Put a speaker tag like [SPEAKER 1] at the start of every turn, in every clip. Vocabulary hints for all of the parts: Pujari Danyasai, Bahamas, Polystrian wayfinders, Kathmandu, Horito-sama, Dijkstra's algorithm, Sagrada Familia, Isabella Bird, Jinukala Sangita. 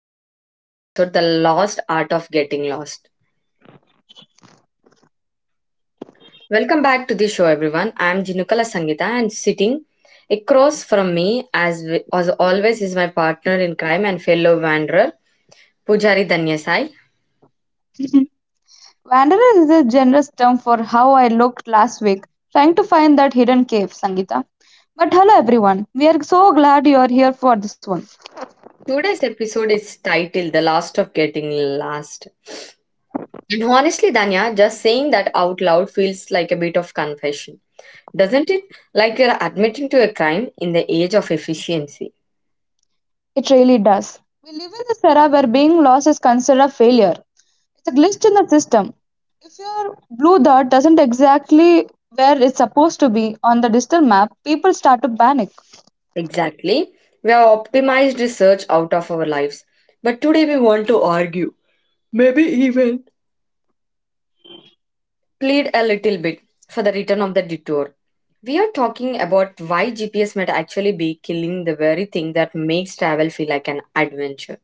[SPEAKER 1] back with a new episode, The Lost Art of Getting Lost. Welcome back to the show, everyone. I'm Jinukala Sangita, and sitting across from me, as always, is my partner in crime and fellow wanderer, Pujari Danyasai.
[SPEAKER 2] Wanderer is a generous term for how I looked last week, trying to find that hidden cave, Sangita. But hello everyone, we are so glad you are here for this one.
[SPEAKER 1] Today's episode is titled The Lost of Getting Lost. And honestly, Danya, just saying that out loud feels like a bit of confession, doesn't it? Like you're admitting to a crime in the age of efficiency.
[SPEAKER 2] It really does. We live in this era where being lost is considered a failure. It's a glitch in the system. If your blue dot doesn't exactly where it's supposed to be on the digital map, people start to panic.
[SPEAKER 1] Exactly. We have optimized research out of our lives. But today we want to argue, maybe even plead a little bit for the return of the detour. We are talking about why GPS might actually be killing the very thing that makes travel feel like an adventure.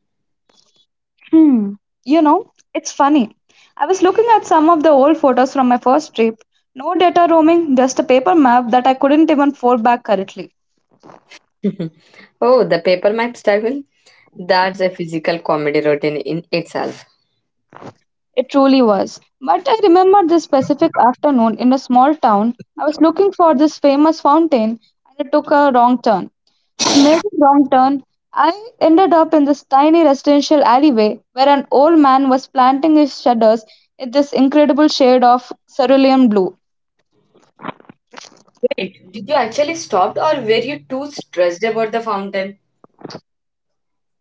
[SPEAKER 2] Hmm. You know, it's funny. I was looking at some of the old photos from my first trip. No data roaming, just a paper map that I couldn't even fold back correctly.
[SPEAKER 1] Oh, the paper maps travel? That's a physical comedy routine in itself.
[SPEAKER 2] It truly was. But I remember this specific afternoon in a small town. I was looking for this famous fountain and I took a wrong turn. A major wrong turn. I ended up in this tiny residential alleyway where an old man was planting his shutters in this incredible shade of cerulean blue.
[SPEAKER 1] Wait, did you actually stop, or were you too stressed about the fountain?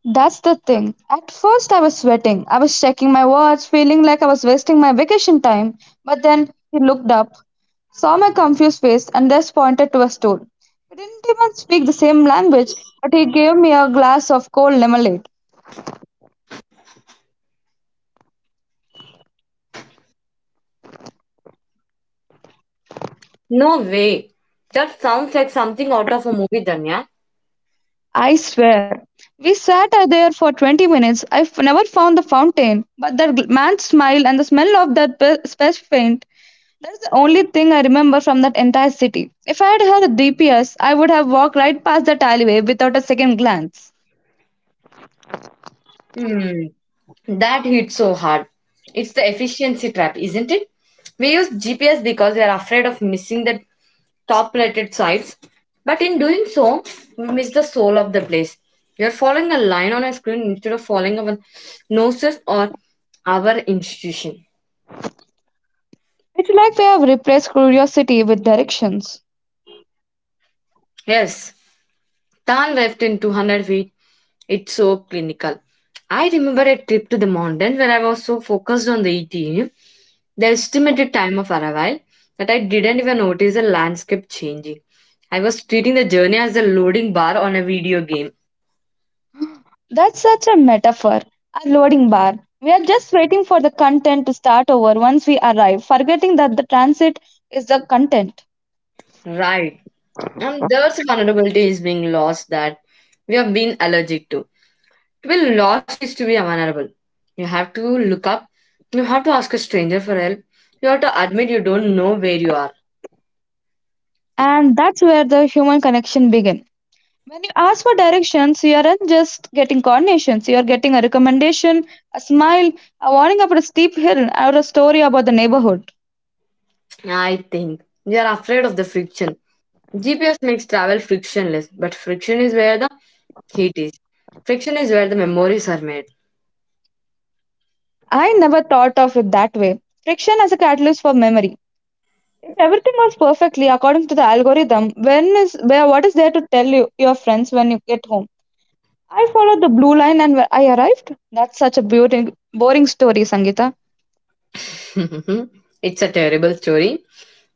[SPEAKER 2] That's the thing. At first, I was sweating. I was checking my watch, feeling like I was wasting my vacation time. But then he looked up, saw my confused face, and just pointed to a stool. We didn't even speak the same language, but he gave me a glass of cold lemonade.
[SPEAKER 1] No way. That sounds like something out of a movie, Danya.
[SPEAKER 2] I swear. We sat out there for 20 minutes. Never found the fountain, but that man's smile and the smell of that space paint, that's the only thing I remember from that entire city. If I had had a DPS, I would have walked right past that alleyway without a second glance.
[SPEAKER 1] Mm, that hits so hard. It's the efficiency trap, isn't it? We use GPS because we are afraid of missing the top rated sites, but in doing so, we miss the soul of the place. You're following a line on a screen instead of following our noses or our institution.
[SPEAKER 2] It's like we have replaced curiosity with directions.
[SPEAKER 1] Yes, Tan left in 200 feet. It's so clinical. I remember a trip to the mountain where I was so focused on the ETA, the estimated time of arrival, that I didn't even notice the landscape changing. I was treating the journey as a loading bar on a video game.
[SPEAKER 2] That's such a metaphor. Our loading bar. We are just waiting for the content to start over once we arrive, forgetting that the transit is the content.
[SPEAKER 1] Right. And there's a vulnerability is being lost that we have been allergic to. To be lost is to be vulnerable. You have to look up. You have to ask a stranger for help. You have to admit you don't know where you are.
[SPEAKER 2] And that's where the human connection begins. When you ask for directions, you aren't just getting coordinations, you are getting a recommendation, a smile, a warning about a steep hill, or a story about the neighborhood.
[SPEAKER 1] I think we are afraid of the friction. GPS makes travel frictionless, but friction is where the heat is. Friction is where the memories are made.
[SPEAKER 2] I never thought of it that way. Friction as a catalyst for memory. If everything was perfectly according to the algorithm, when is where what is there to tell you your friends when you get home? I followed the blue line and I arrived. That's such a beautiful, boring story, Sangeeta.
[SPEAKER 1] It's a terrible story.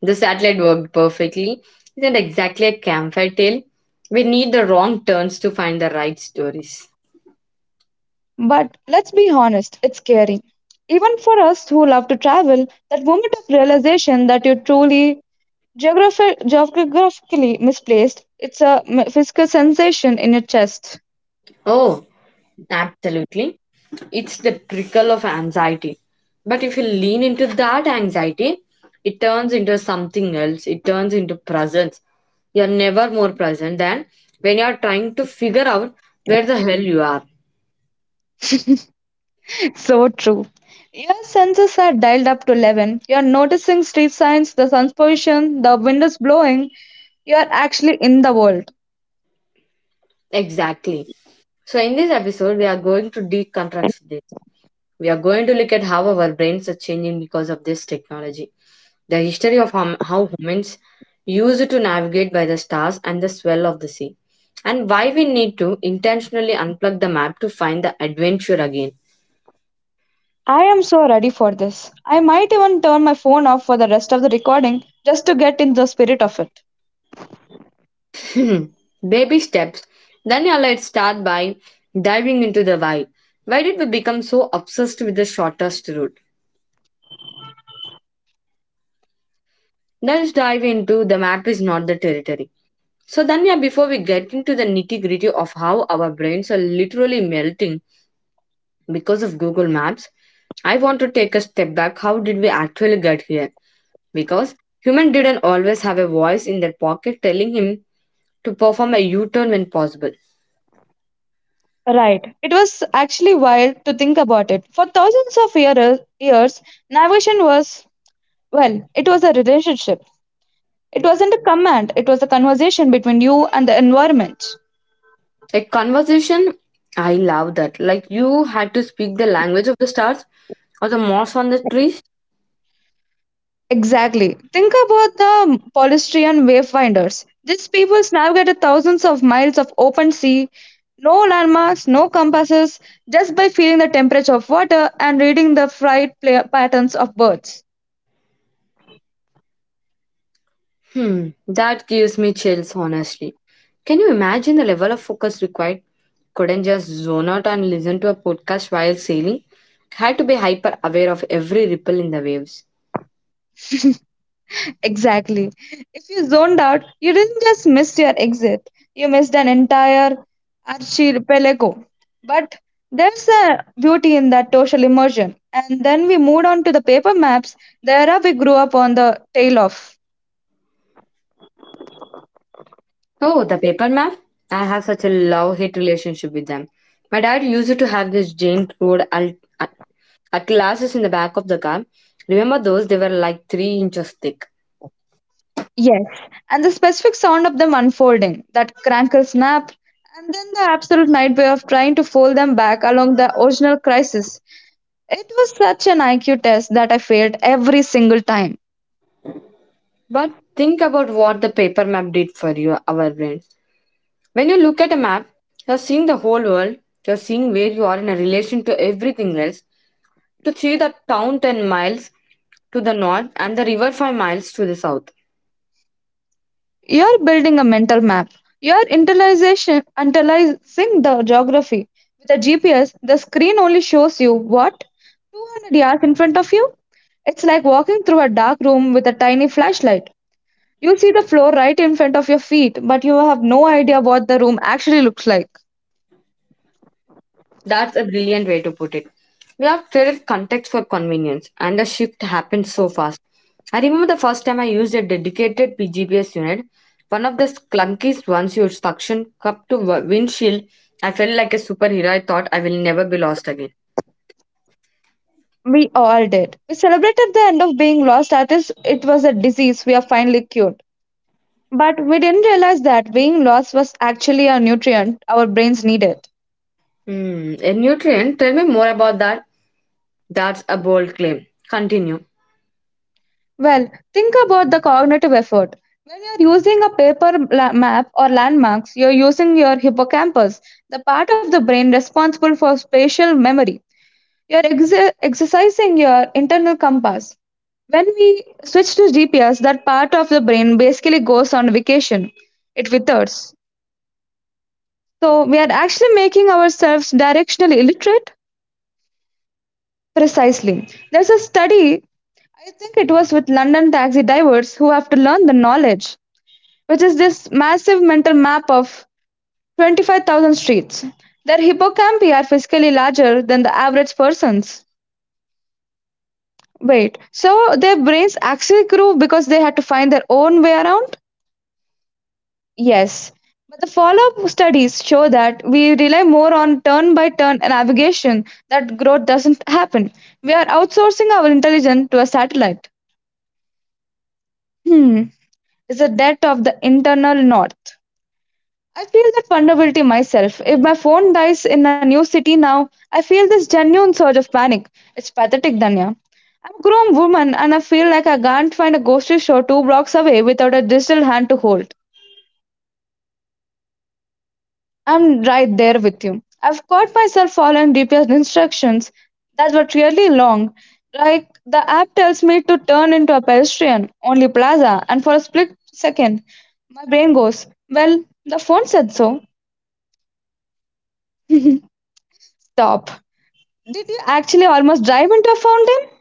[SPEAKER 1] The satellite worked perfectly. Isn't exactly a campfire tale. We need the wrong turns to find the right stories.
[SPEAKER 2] But let's be honest, it's scary. Even for us who love to travel, that moment of realization that you're truly geographically misplaced, it's a physical sensation in your chest.
[SPEAKER 1] Oh, absolutely. It's the prickle of anxiety. But if you lean into that anxiety, it turns into something else. It turns into presence. You're never more present than when you're trying to figure out where the hell you are.
[SPEAKER 2] So true. Your senses are dialed up to 11. You're noticing street signs, the sun's position, the windows blowing. You're actually in the world.
[SPEAKER 1] Exactly. So, in this episode, we are going to deconstruct this. We are going to look at how our brains are changing because of this technology, the history of how humans used to navigate by the stars and the swell of the sea, and why we need to intentionally unplug the map to find the adventure again.
[SPEAKER 2] I am so ready for this. I might even turn my phone off for the rest of the recording just to get in the spirit of it.
[SPEAKER 1] Baby steps. Then yeah, let's start by diving into the why. Why did we become so obsessed with the shortest route? Let's dive into the map is not the territory. So then yeah, before we get into the nitty gritty of how our brains are literally melting because of Google Maps, I want to take a step back. How did we actually get here? Because human didn't always have a voice in their pocket telling him to perform a U-turn when possible.
[SPEAKER 2] Right. It was actually wild to think about it. For thousands of years, navigation was, well, it was a relationship. It wasn't a command, it was a conversation between you and the environment.
[SPEAKER 1] Like conversation, I love that. Like you had to speak the language of the stars or the moss on the trees.
[SPEAKER 2] Exactly. Think about the Polystrian wayfinders. These people navigated thousands of miles of open sea, no landmarks, no compasses, just by feeling the temperature of water and reading the flight patterns of birds.
[SPEAKER 1] Hmm, that gives me chills, honestly. Can you imagine the level of focus required? Couldn't just zone out and listen to a podcast while sailing. Had to be hyper aware of every ripple in the waves.
[SPEAKER 2] Exactly. If you zoned out, you didn't just miss your exit, you missed an entire archipelago. But there's a beauty in that social immersion. And then we moved on to the paper maps, the era we grew up on the tail of.
[SPEAKER 1] Oh, the paper map? I have such a love hate relationship with them. My dad used to have this giant at- atlases in the back of the car. Remember those? They were like 3 inches thick.
[SPEAKER 2] Yes, and the specific sound of them unfolding, that crankle snap, and then the absolute nightmare of trying to fold them back along the original crisis. It was such an IQ test that I failed every single time.
[SPEAKER 1] But think about what the paper map did for you, our brains. When you look at a map, you're seeing the whole world, you're seeing where you are in a relation to everything else, to see the town 10 miles to the north and the river 5 miles to the south.
[SPEAKER 2] You're building a mental map. You're internalization, internalizing the geography. With a GPS, the screen only shows you what? 200 yards in front of you? It's like walking through a dark room with a tiny flashlight. You see the floor right in front of your feet, but you have no idea what the room actually looks like.
[SPEAKER 1] That's a brilliant way to put it. We have traded context for convenience, and the shift happened so fast. I remember the first time I used a dedicated PGPS unit, one of the clunkiest ones used suction cup to windshield. I felt like a superhero. I thought I will never be lost again.
[SPEAKER 2] We all did. We celebrated the end of being lost as it was a disease we are finally cured. But we didn't realize that being lost was actually a nutrient our brains needed.
[SPEAKER 1] Hmm, a nutrient? Tell me more about that. That's a bold claim. Continue.
[SPEAKER 2] Well, think about the cognitive effort. When you're using a paper map or landmarks, you're using your hippocampus, the part of the brain responsible for spatial memory. You're ex exercising your internal compass. When we switch to GPS, that part of the brain basically goes on vacation. It withers. So we are actually making ourselves directionally illiterate? Precisely. There's a study, I think it was with London taxi drivers who have to learn the knowledge. Which is this massive mental map of 25,000 streets. Their hippocampi are physically larger than the average person's. Wait, so their brains actually grew because they had to find their own way around? Yes. But the follow up studies show that we rely more on turn by turn navigation that growth doesn't happen. We are outsourcing our intelligence to a satellite. Hmm. It's the death of the internal north. I feel that vulnerability myself. If my phone dies in a new city now, I feel this genuine surge of panic. It's pathetic, Danya. I'm a grown woman and I feel like I can't find a grocery store two blocks away without a digital hand to hold. I'm right there with you. I've caught myself following GPS instructions that were really long. Like the app tells me to turn into a pedestrian only plaza, and for a split second, my brain goes, well, the phone said so. Stop. Did you actually almost dive into a fountain?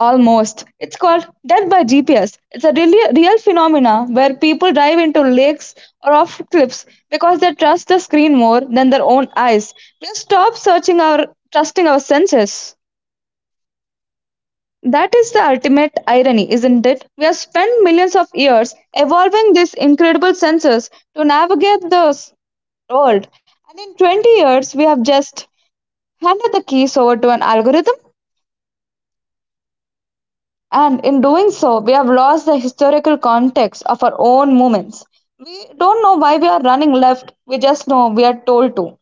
[SPEAKER 2] Almost. It's called death by GPS. It's a really real phenomena where people dive into lakes or off cliffs because they trust the screen more than their own eyes. We stop searching our trusting our senses. That is the ultimate irony, isn't it? We have spent millions of years evolving these incredible senses to navigate the world, and in 20 years we have just handed the keys over to an algorithm. And in doing so, we have lost the historical context of our own movements. We don't know why we are running left, we just know we are told to.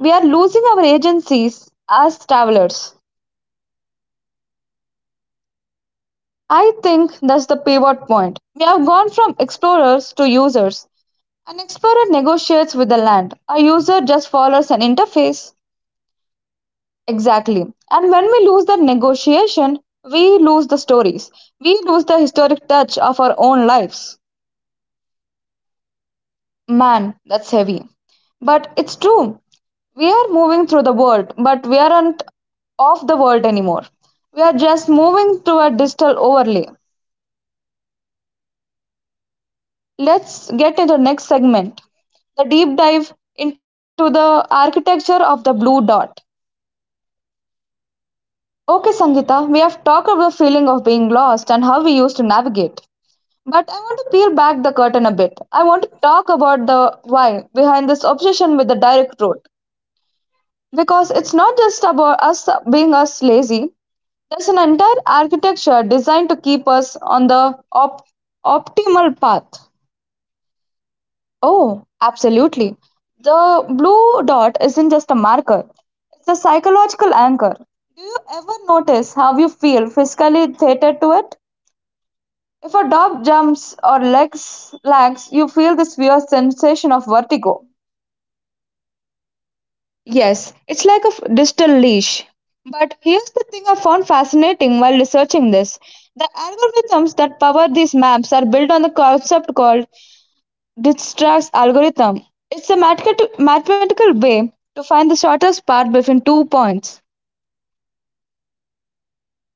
[SPEAKER 2] We are losing our agencies as travelers. I think that's the pivot point. We have gone from explorers to users. An explorer negotiates with the land, a user just follows an interface. Exactly. And when we lose that negotiation, we lose the stories, we lose the historic touch of our own lives. Man, that's heavy. But it's true. We are moving through the world, but we aren't of the world anymore. We are just moving to a digital overlay. Let's get into the next segment the deep dive into the architecture of the blue dot. Okay, Sangeeta, we have talked about the feeling of being lost and how we used to navigate. But I want to peel back the curtain a bit. I want to talk about the why behind this obsession with the direct route. Because it's not just about us being us lazy. There's an entire architecture designed to keep us on the optimal path. Oh, absolutely. The blue dot isn't just a marker, it's a psychological anchor. Do you ever notice how you feel physically theatered to it? If a dog jumps or legs lags, you feel this weird sensation of vertigo. Yes, it's like a digital leash. But here's the thing I found fascinating while researching this. The algorithms that power these maps are built on the concept called Dijkstra's algorithm. It's a mathematical way to find the shortest path between two points.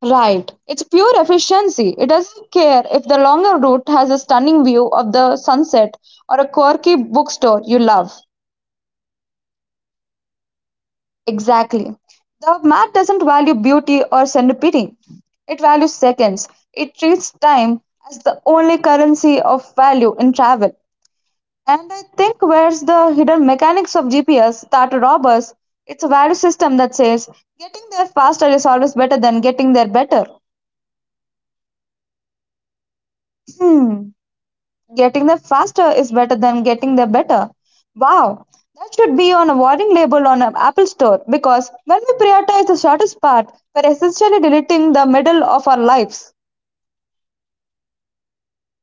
[SPEAKER 2] Right. It's pure efficiency. It doesn't care if the longer route has a stunning view of the sunset or a quirky bookstore you love. Exactly. The map doesn't value beauty or serendipity. It values seconds. It treats time as the only currency of value in travel. And I think where's the hidden mechanics of GPS start to rob us, it's a value system that says getting there faster is always better than getting there better. Hmm. Getting there faster is better than getting there better. Wow, that should be on a warning label on an Apple store because when we prioritize the shortest part, we're essentially deleting the middle of our lives.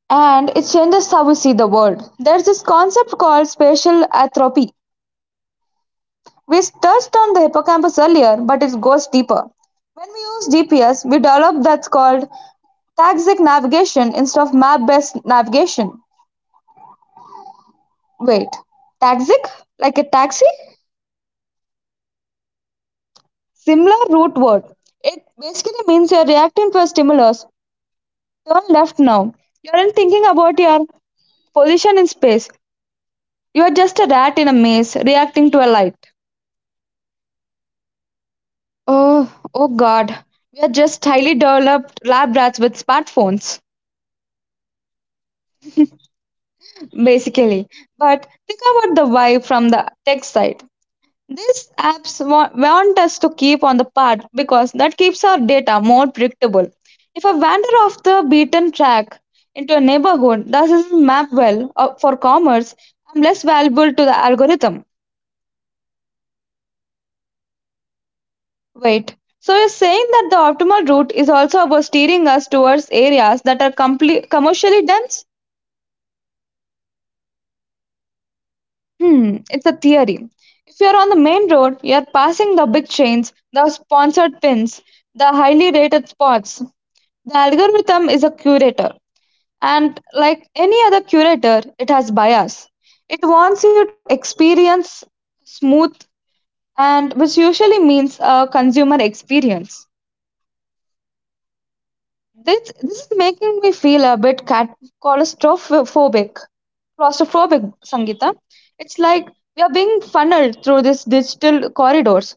[SPEAKER 2] And it changes how we see the world. There's this concept called spatial atrophy. We touched on the hippocampus earlier, but it goes deeper. When we use GPS, we develop that's called taxic navigation instead of map based navigation. Wait, taxic? Like a taxi? Similar root word. It basically means you're reacting to a stimulus. Turn left now. You aren't thinking about your position in space. You're just a rat in a maze reacting to a light. Oh, oh God. We are just highly developed lab rats with smartphones, basically. But think about the why from the tech side. These want us to keep on the path because that keeps our data more predictable. If I wander off the beaten track into a neighborhood that doesn't map well for commerce, I'm less valuable to the algorithm. Wait, so you're saying that the optimal route is also about steering us towards areas that are commercially dense? Hmm, it's a theory. If you're on the main road, you're passing the big chains, the sponsored pins, the highly rated spots. The algorithm is a curator, and like any other curator, it has bias. It wants you to experience smooth, and which usually means a consumer experience. This is making me feel a bit claustrophobic. Claustrophobic, Sangita. It's like we are being funneled through these digital corridors.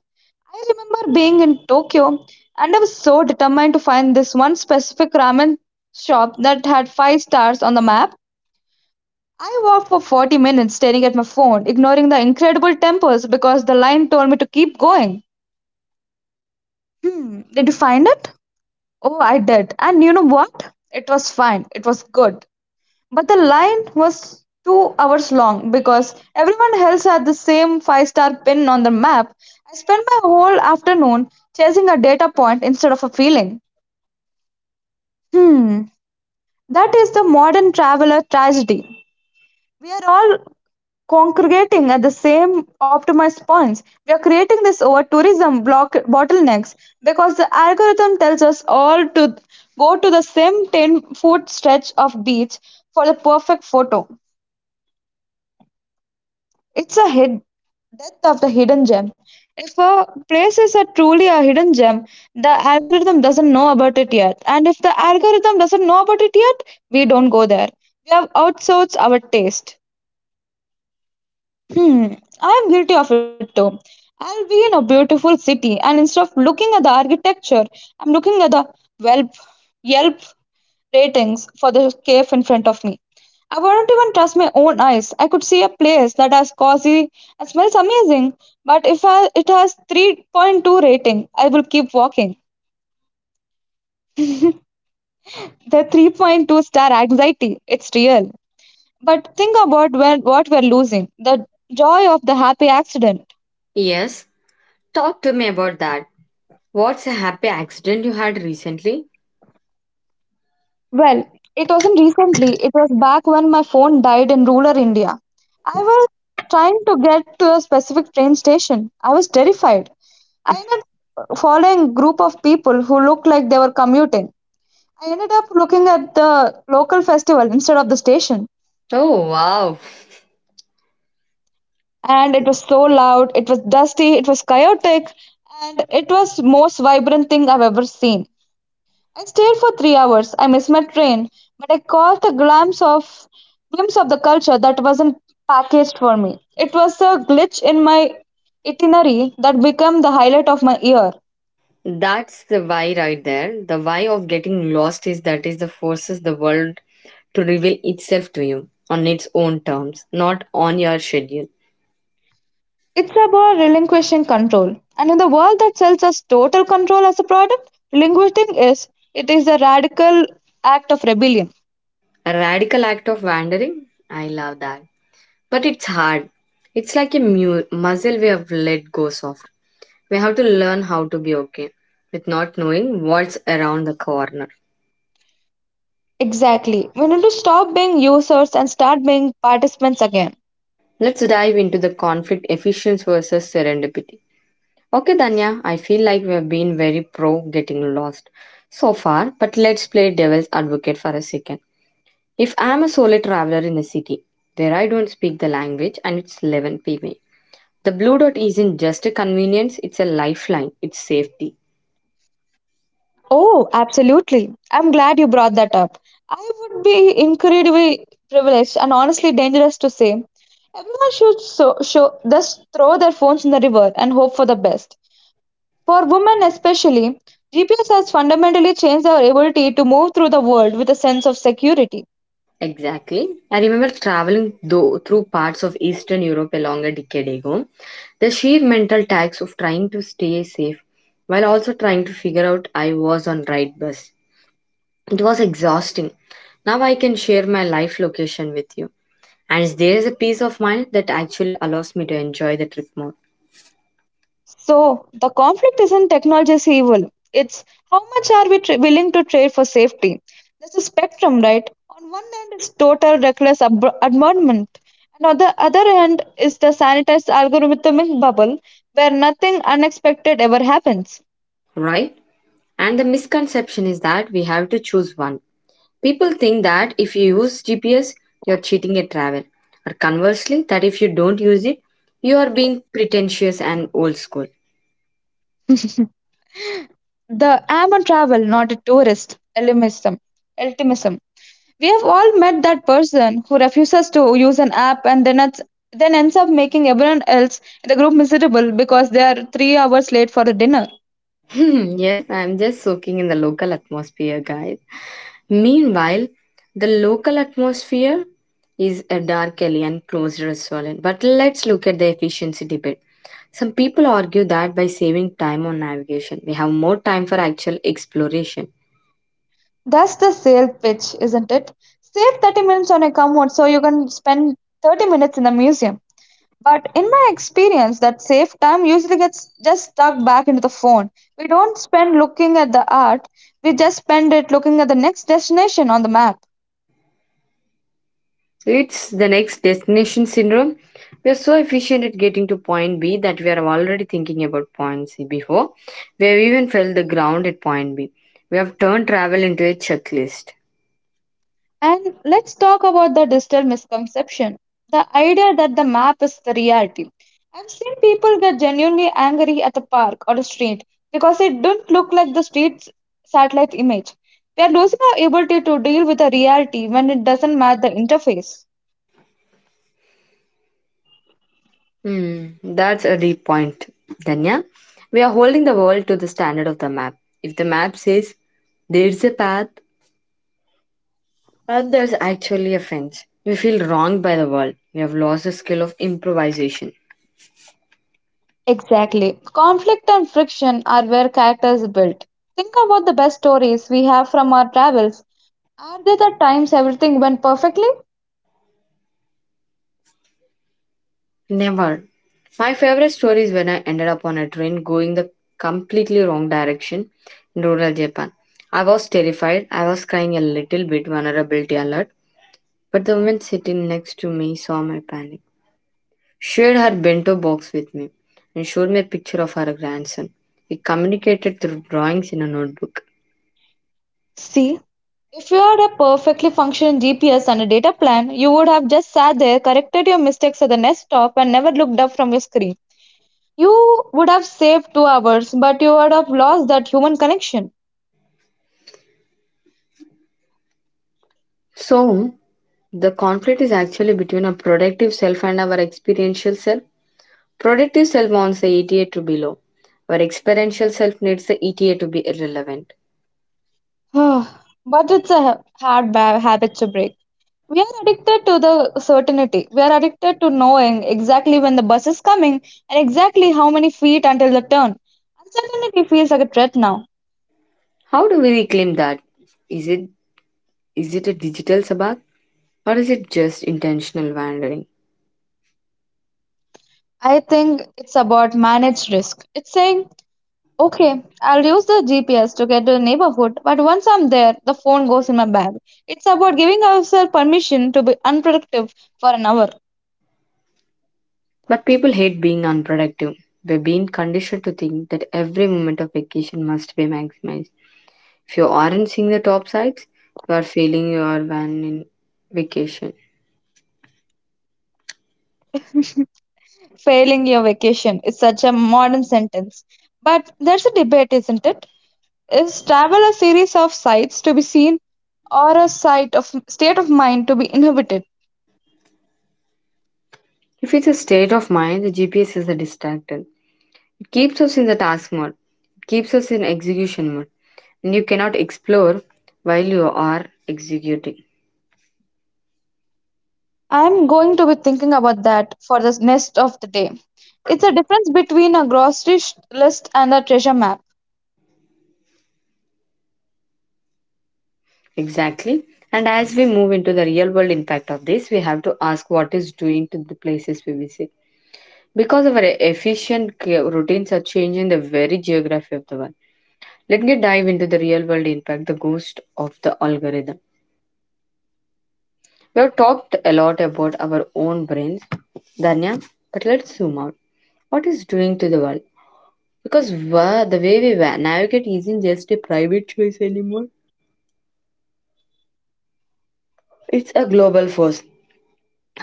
[SPEAKER 2] I remember being in Tokyo and I was so determined to find this one specific ramen shop that had 5 stars on the map. I walked for 40 minutes staring at my phone, ignoring the incredible temples because the line told me to keep going. Hmm, did you find it? Oh, I did. And you know what? It was fine. It was good. But the line was 2 hours long because everyone else had the same 5 star pin on the map. I spent my whole afternoon chasing a data point instead of a feeling. Hmm, that is the modern traveler tragedy. We are all congregating at the same optimized points. We are creating this over tourism block bottlenecks because the algorithm tells us all to go to the same 10-foot stretch of beach for the perfect photo. It's a hid depth of the hidden gem. If a place is a truly a hidden gem, the algorithm doesn't know about it yet. And if the algorithm doesn't know about it yet, we don't go there. We have outsourced our taste. Hmm, I am guilty of it too. I'll be in a beautiful city, and instead of looking at the architecture, I'm looking at the Welp, Yelp ratings for the cave in front of me. I wouldn't even trust my own eyes. I could see a place that has cozy and smells amazing, but if I, it has 3.2 rating, I will keep walking. The 3.2-star anxiety, it's real. But think about when, what we're losing the joy of the happy accident,
[SPEAKER 1] Yes, talk to me about that. What's a happy accident you had recently?
[SPEAKER 2] Well, it wasn't recently, it was back when my phone died in rural India. I was trying to get to a specific train station. I was terrified. I ended up following a group of people who looked like they were commuting. I ended up looking at the local festival instead of the station.
[SPEAKER 1] Oh, wow.
[SPEAKER 2] And it was so loud, it was dusty, it was chaotic, and it was most vibrant thing I've ever seen. I stayed for 3 hours. I missed my train, but I caught a glimpse of the culture that wasn't packaged for me. It was a glitch in my itinerary that became the highlight of my year.
[SPEAKER 1] That's the why right there. The why of getting lost is that is the forces the world to reveal itself to you on its own terms, not on your schedule.
[SPEAKER 2] It's about relinquishing control. And in the world that sells us total control as a product, relinquishing is it is a radical act of rebellion.
[SPEAKER 1] A radical act of wandering? I love that. But it's hard. It's like a muscle we have let go of. We have to learn how to be okay with not knowing what's around the corner.
[SPEAKER 2] Exactly. We need to stop being users and start being participants again.
[SPEAKER 1] Let's dive into the conflict efficiency versus serendipity. Okay, Danya, I feel like we have been very pro getting lost so far, but let's play devil's advocate for a second. If I am a solo traveler in a city where I don't speak the language and it's 11 p.m., the blue dot isn't just a convenience, it's a lifeline, it's safety.
[SPEAKER 2] Oh, absolutely. I'm glad you brought that up. I would be incredibly privileged and honestly dangerous to say. Everyone should so, show, just throw their phones in the river and hope for the best. For women especially, GPS has fundamentally changed our ability to move through the world with a sense of security.
[SPEAKER 1] Exactly. I remember traveling though, through parts of Eastern Europe along a decade ago. The sheer mental tax of trying to stay safe while also trying to figure out I was on right bus. It was exhausting. Now I can share my life location with you. And there is a peace of mind that actually allows me to enjoy the trip more,
[SPEAKER 2] So the conflict isn't technology's evil. It's how much are we willing to trade for safety. There's a spectrum, right? On one end is total reckless abandonment, and on the other end is the sanitized algorithmic bubble where nothing unexpected ever happens.
[SPEAKER 1] right? And the misconception is that we have to choose one. People think that if you use GPS, you're cheating at travel, or conversely, that if you don't use it, you are being pretentious and old school.
[SPEAKER 2] The aim on travel, not a tourist, elimism. Ultimism. We have all met that person who refuses to use an app and then ends up making everyone else in the group miserable because they are 3 hours late for a dinner.
[SPEAKER 1] Yes, I'm just soaking in the local atmosphere, guys. Meanwhile, the local atmosphere is a dark alley and closed restaurant. But let's look at the efficiency debate. Some people argue that by saving time on navigation, we have more time for actual exploration.
[SPEAKER 2] That's the sale pitch, isn't it? Save 30 minutes on a commute so you can spend 30 minutes in the museum. But in my experience, that saved time usually gets just stuck back into the phone. We don't spend looking at the art, we just spend it looking at the next destination on the map.
[SPEAKER 1] It's the next destination syndrome. We are so efficient at getting to point B that we are already thinking about point C before we have even felt the ground at point B. We have turned travel into a checklist.
[SPEAKER 2] And let's talk about the digital misconception the idea that the map is the reality. I've seen people get genuinely angry at a park or a street because it don't look like the street's satellite image. We are losing our ability to deal with the reality when it doesn't match the interface.
[SPEAKER 1] Hmm, that's a deep point, Danya. We are holding the world to the standard of the map. If the map says there's a path, but there's actually a fence, we feel wronged by the world. We have lost the skill of improvisation.
[SPEAKER 2] Exactly. Conflict and friction are where characters build. Think about the best stories we have from our travels. Are they the times everything went perfectly?
[SPEAKER 1] Never. My favorite story is when I ended up on a train going the completely wrong direction in rural Japan. I was terrified. I was crying a little bit, vulnerability alert. But the woman sitting next to me saw my panic. Shared her bento box with me and showed me a picture of her grandson. We communicated through drawings in a notebook.
[SPEAKER 2] See, if you had a perfectly functioning GPS and a data plan, you would have just sat there, corrected your mistakes at the next stop, and never looked up from your screen. You would have saved 2 hours, but you would have lost that human connection.
[SPEAKER 1] So, the conflict is actually between our productive self and our experiential self. Productive self wants the ETA to be low, our experiential self needs the ETA to be irrelevant.
[SPEAKER 2] But it's a hard habit to break. We are addicted to the certainty. We are addicted to knowing exactly when the bus is coming and exactly how many feet until the turn. Uncertainty feels like a threat now.
[SPEAKER 1] How do we reclaim that? Is it is it a digital sabbath, or is it just intentional wandering?
[SPEAKER 2] I think it's about managed risk. It's saying okay, I'll use the GPS to get to the neighborhood, but once I'm there, the phone goes in my bag. It's about giving ourselves permission to be unproductive for an hour.
[SPEAKER 1] But people hate being unproductive. We've been conditioned to think that every moment of vacation must be maximized. If you aren't seeing the top sides, you are feeling you are van in vacation.
[SPEAKER 2] Failing your vacation is such a modern sentence. But there's a debate, isn't it? Is travel a series of sights to be seen or a sight of state of mind to be inhibited?
[SPEAKER 1] If it's a state of mind, the GPS is a distractor. It keeps us in the task mode. It keeps us in execution mode. And you cannot explore while you are executing.
[SPEAKER 2] I'm going to be thinking about that for the rest of the day. It's a difference between a grocery list and a treasure map.
[SPEAKER 1] Exactly. And as we move into the real world impact of this, we have to ask what is doing to the places we visit. Because our efficient routines are changing the very geography of the world. Let me dive into the real world impact, the ghost of the algorithm. We have talked a lot about our own brains, Danya, but let's zoom out. What is doing to the world? Because the way we navigate isn't just a private choice anymore, it's a global force.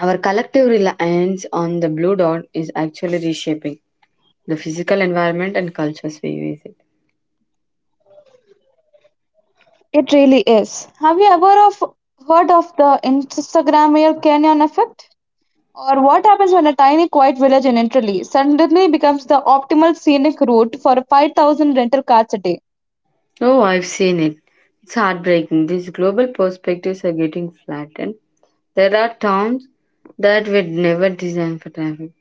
[SPEAKER 1] Our collective reliance on the blue dot is actually reshaping the physical environment and cultures we visit.
[SPEAKER 2] It really is. Have you ever of heard of the Instagrammail Canyon effect? Or what happens when a tiny quiet village in Italy suddenly becomes the optimal scenic route for 5,000 rental cars a day?
[SPEAKER 1] Oh, I've seen it. It's heartbreaking. These global perspectives are getting flattened. There are towns that were never designed for traffic.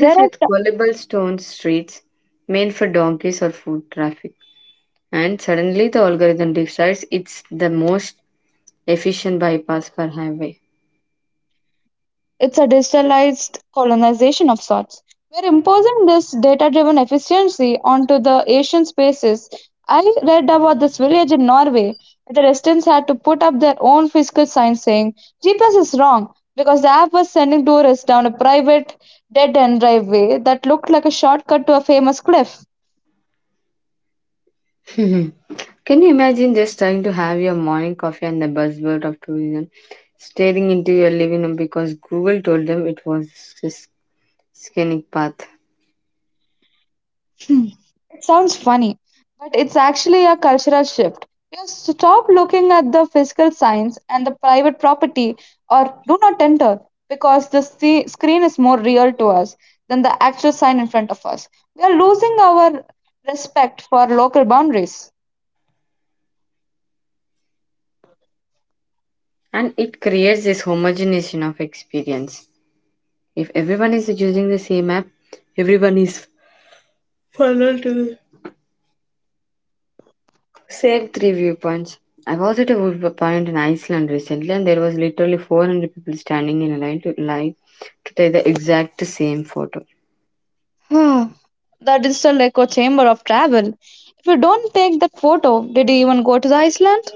[SPEAKER 2] There
[SPEAKER 1] with
[SPEAKER 2] are
[SPEAKER 1] gullible stone streets made for donkeys or foot traffic. And suddenly the algorithm decides it's the most efficient bypass per highway.
[SPEAKER 2] it's a digitalized colonization of sorts. We're imposing this data driven efficiency onto the Asian spaces. I read about this village in Norway where the residents had to put up their own physical signs saying GPS is wrong because the app was sending tourists down a private dead end driveway that looked like a shortcut to a famous cliff.
[SPEAKER 1] Can you imagine just trying to have your morning coffee and the buzzword of tourism staring into your living room because Google told them it was this scenic path?
[SPEAKER 2] It sounds funny, but it's actually a cultural shift. You stop looking at the physical signs and the private property or do not enter because the screen is more real to us than the actual sign in front of us. We are losing our respect for local boundaries.
[SPEAKER 1] And it creates this homogenization of experience. If everyone is using the same app, everyone is funneled to the same three viewpoints. I was at a viewpoint in Iceland recently, and there was literally 400 people standing in a line to take the exact same photo.
[SPEAKER 2] Hmm, the digital echo chamber of travel. If you don't take that photo, did you even go to the Iceland?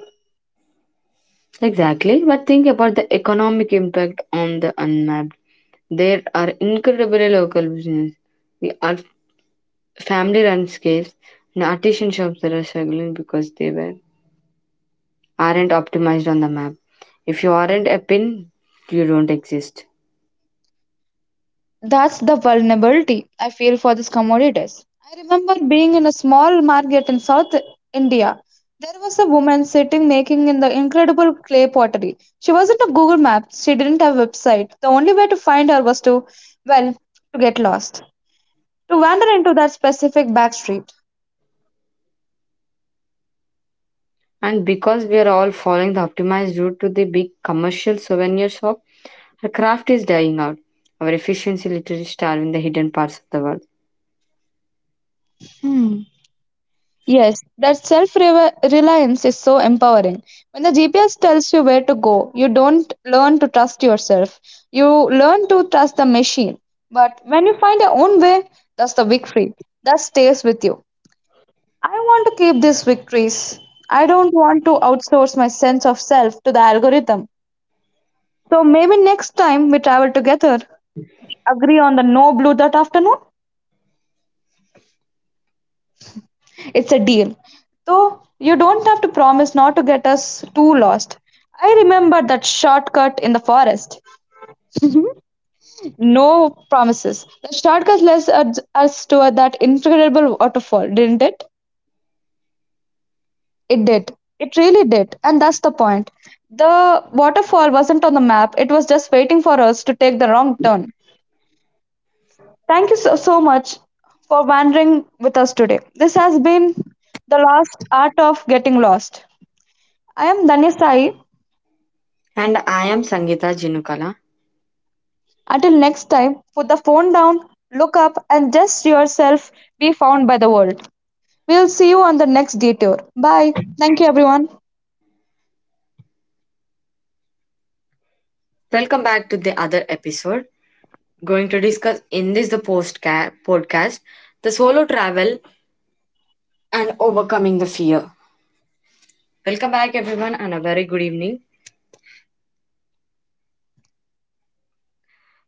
[SPEAKER 1] Exactly, but think about the economic impact on the unmapped. There are incredibly local business. We are family-run scales and artisan shops that are struggling because they were aren't optimized on the map. If you aren't a pin, you don't exist.
[SPEAKER 2] That's the vulnerability I feel for these commodities. I remember being in a small market in South India. There was a woman sitting making in the incredible clay pottery. She wasn't a Google Maps, she didn't have a website. The only way to find her was to, well, to get lost, to wander into that specific back street.
[SPEAKER 1] And because we are all following the optimized route to the big commercial souvenir shop, our craft is dying out. Our efficiency literally starving the hidden parts of the world.
[SPEAKER 2] Hmm. Yes, that self reliance is so empowering. When the GPS tells you where to go, you don't learn to trust yourself. You learn to trust the machine. But when you find your own way, that's the victory that stays with you. I want to keep these victories. I don't want to outsource my sense of self to the algorithm. So maybe next time we travel together, we agree on the no blue that afternoon. It's a deal. Though you don't have to promise not to get us too lost. I remember that shortcut in the forest. No promises. The shortcut led us to that incredible waterfall, didn't it? It did. It really did. And that's the point. The waterfall wasn't on the map, it was just waiting for us to take the wrong turn. Thank you so, so much for wandering with us today. This has been The Lost Art of Getting Lost. I am Danya Sai,
[SPEAKER 1] And I am Sangeeta Jinukala.
[SPEAKER 2] until next time, put the phone down, look up, and just yourself be found by the world. We'll see you on the next detour. Bye. Thank you, everyone.
[SPEAKER 1] Welcome back to the other episode. Going to discuss in this the podcast the solo travel and overcoming the fear. Welcome back everyone and a very good evening.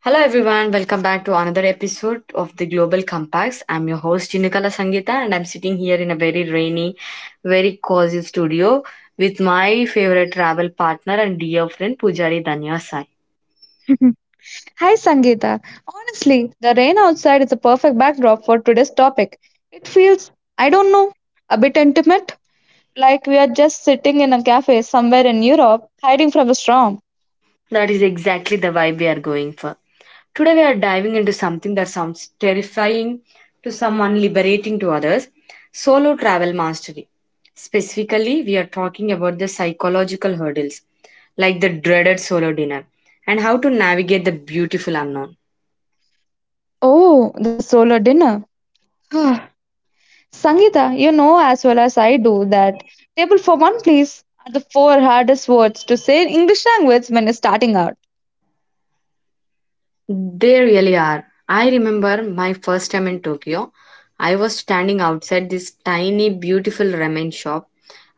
[SPEAKER 1] Hello everyone, welcome back to another episode of the Global Compacts. I'm your host Jinikala Sangita and I'm sitting here in a very rainy, very cozy studio with my favorite travel partner and dear friend Pujari Danya.
[SPEAKER 2] Hi, Sangeeta. Honestly, the rain outside is a perfect backdrop for today's topic. It feels, I don't know, a bit intimate, like we are just sitting in a cafe somewhere in Europe, hiding from the storm.
[SPEAKER 1] That is exactly the vibe we are going for. Today we are diving into something that sounds terrifying to someone, liberating to others, solo travel mastery. Specifically, we are talking about the psychological hurdles, like the dreaded solo dinner, and how to navigate the beautiful unknown.
[SPEAKER 2] Oh, the solar dinner. Sangeeta, you know as well as I do that table for one, please, are the four hardest words to say in English language when you're starting out.
[SPEAKER 1] They really are. I remember my first time in Tokyo. I was standing outside this tiny, beautiful ramen shop.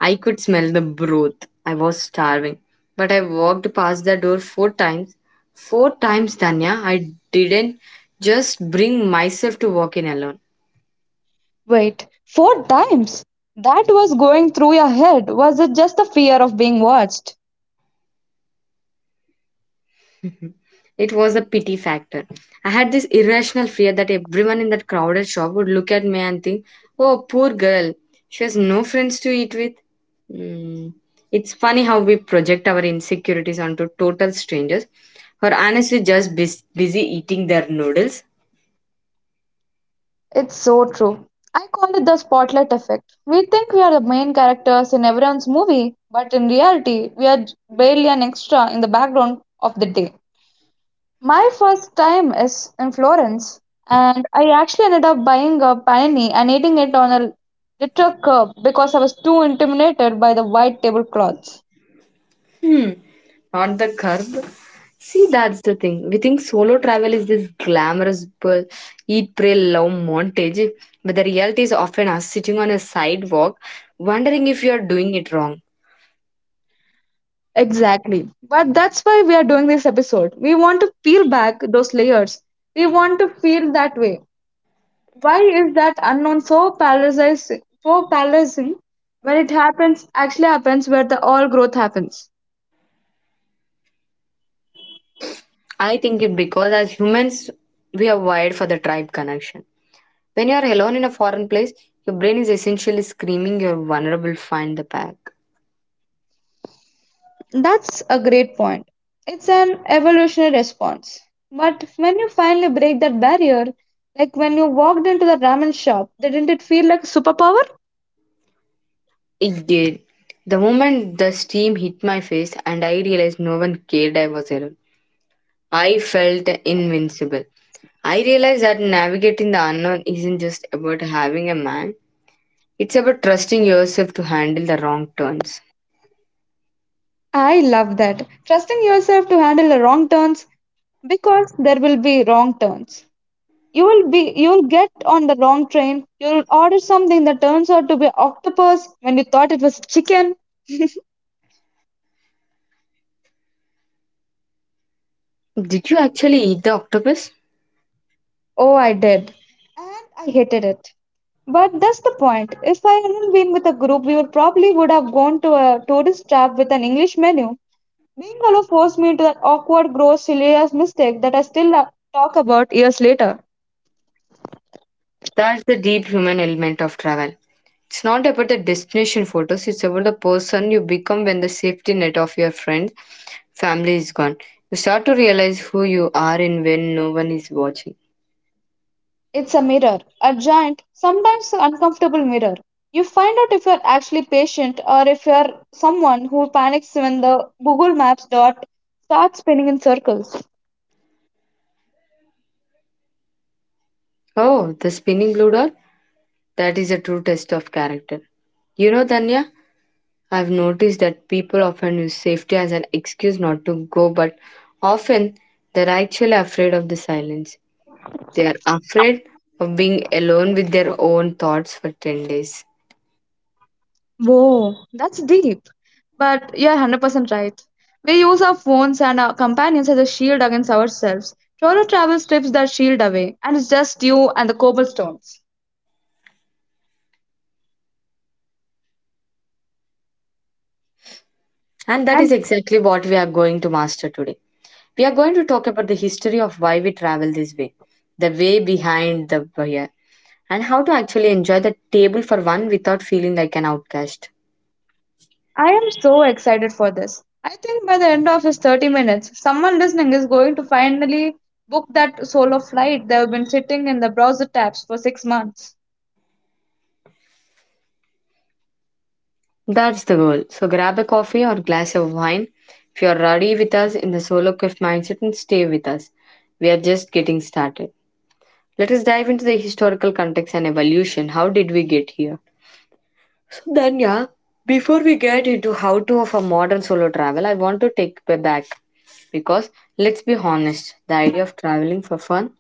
[SPEAKER 1] I could smell the broth. I was starving. But I walked past the door four times. Four times, Tanya. I didn't just bring myself to walk in alone.
[SPEAKER 2] Wait, four times? That was going through your head. Was it just the fear of being watched?
[SPEAKER 1] It was a pity factor. I had this irrational fear that everyone in that crowded shop would look at me and think, oh, poor girl, she has no friends to eat with. Hmm. It's funny how we project our insecurities onto total strangers who are honestly just busy eating their noodles.
[SPEAKER 2] It's so true. I call it the spotlight effect. We think we are the main characters in everyone's movie, but in reality, we are barely an extra in the background of the day. My first time is in Florence, and I actually ended up buying a panini and eating it on a literal curb because I was too intimidated by the white tablecloths.
[SPEAKER 1] Hmm. Not the curb. See, that's the thing. We think solo travel is this glamorous bull, eat, pray, love montage, but the reality is often us sitting on a sidewalk wondering if you are doing it wrong.
[SPEAKER 2] Exactly. But that's why we are doing this episode. We want to peel back those layers. We want to feel that way. Why is that unknown so paralyzing when it happens, actually happens where the all growth happens?
[SPEAKER 1] I think it because as humans, we are wired for the tribe connection. When you are alone in a foreign place, your brain is essentially screaming you're vulnerable, find the pack.
[SPEAKER 2] That's a great point. It's an evolutionary response. But when you finally break that barrier, like when you walked into the ramen shop, didn't it feel like a superpower?
[SPEAKER 1] It did. The moment the steam hit my face and I realized no one cared I was alone, I felt invincible. I realized that navigating the unknown isn't just about having a man, it's about trusting yourself to handle the wrong turns.
[SPEAKER 2] I love that. Trusting yourself to handle the wrong turns because there will be wrong turns. You will be you'll get on the wrong train. You'll order something that turns out to be octopus when you thought it was chicken.
[SPEAKER 1] Did you actually eat the octopus?
[SPEAKER 2] Oh, I did. And I hated it. But that's the point. If I hadn't been with a group, we would probably would have gone to a tourist trap with an English menu. Being alone forced me into that awkward, gross, hilarious mistake that I still talk about years later.
[SPEAKER 1] That's the deep human element of travel. It's not about the destination photos, it's about the person you become when the safety net of your friends, family is gone. You start to realize who you are and when no one is watching.
[SPEAKER 2] It's a mirror, a giant, sometimes uncomfortable mirror. You find out if you're actually patient or if you're someone who panics when the Google Maps dot starts spinning in circles.
[SPEAKER 1] Oh, the spinning blue dot? That is a true test of character. You know, Danya? I've noticed that people often use safety as an excuse not to go, but often they're actually afraid of the silence. They are afraid of being alone with their own thoughts for 10 days.
[SPEAKER 2] Whoa, that's deep. But you're 100% right. We use our phones and our companions as a shield against ourselves. Solo travel strips that shield away, and it's just you and the cobblestones.
[SPEAKER 1] And that
[SPEAKER 2] And
[SPEAKER 1] is exactly what we are going to master today. We are going to talk about the history of why we travel this way, the way behind the barrier, and how to actually enjoy the table for one without feeling like an outcast.
[SPEAKER 2] I am so excited for this. I think by the end of his 30 minutes, someone listening is going to finally book that solo flight they've been sitting in the browser tabs for 6 months.
[SPEAKER 1] That's the goal. So grab a coffee or glass of wine. If you're already with us in the solo quiff mindset, and stay with us. We are just getting started. Let us dive into the historical context and evolution. How did we get here? So then, yeah, before we get into how to of a modern solo travel, I want to take it back because let's be honest, the idea of traveling for fun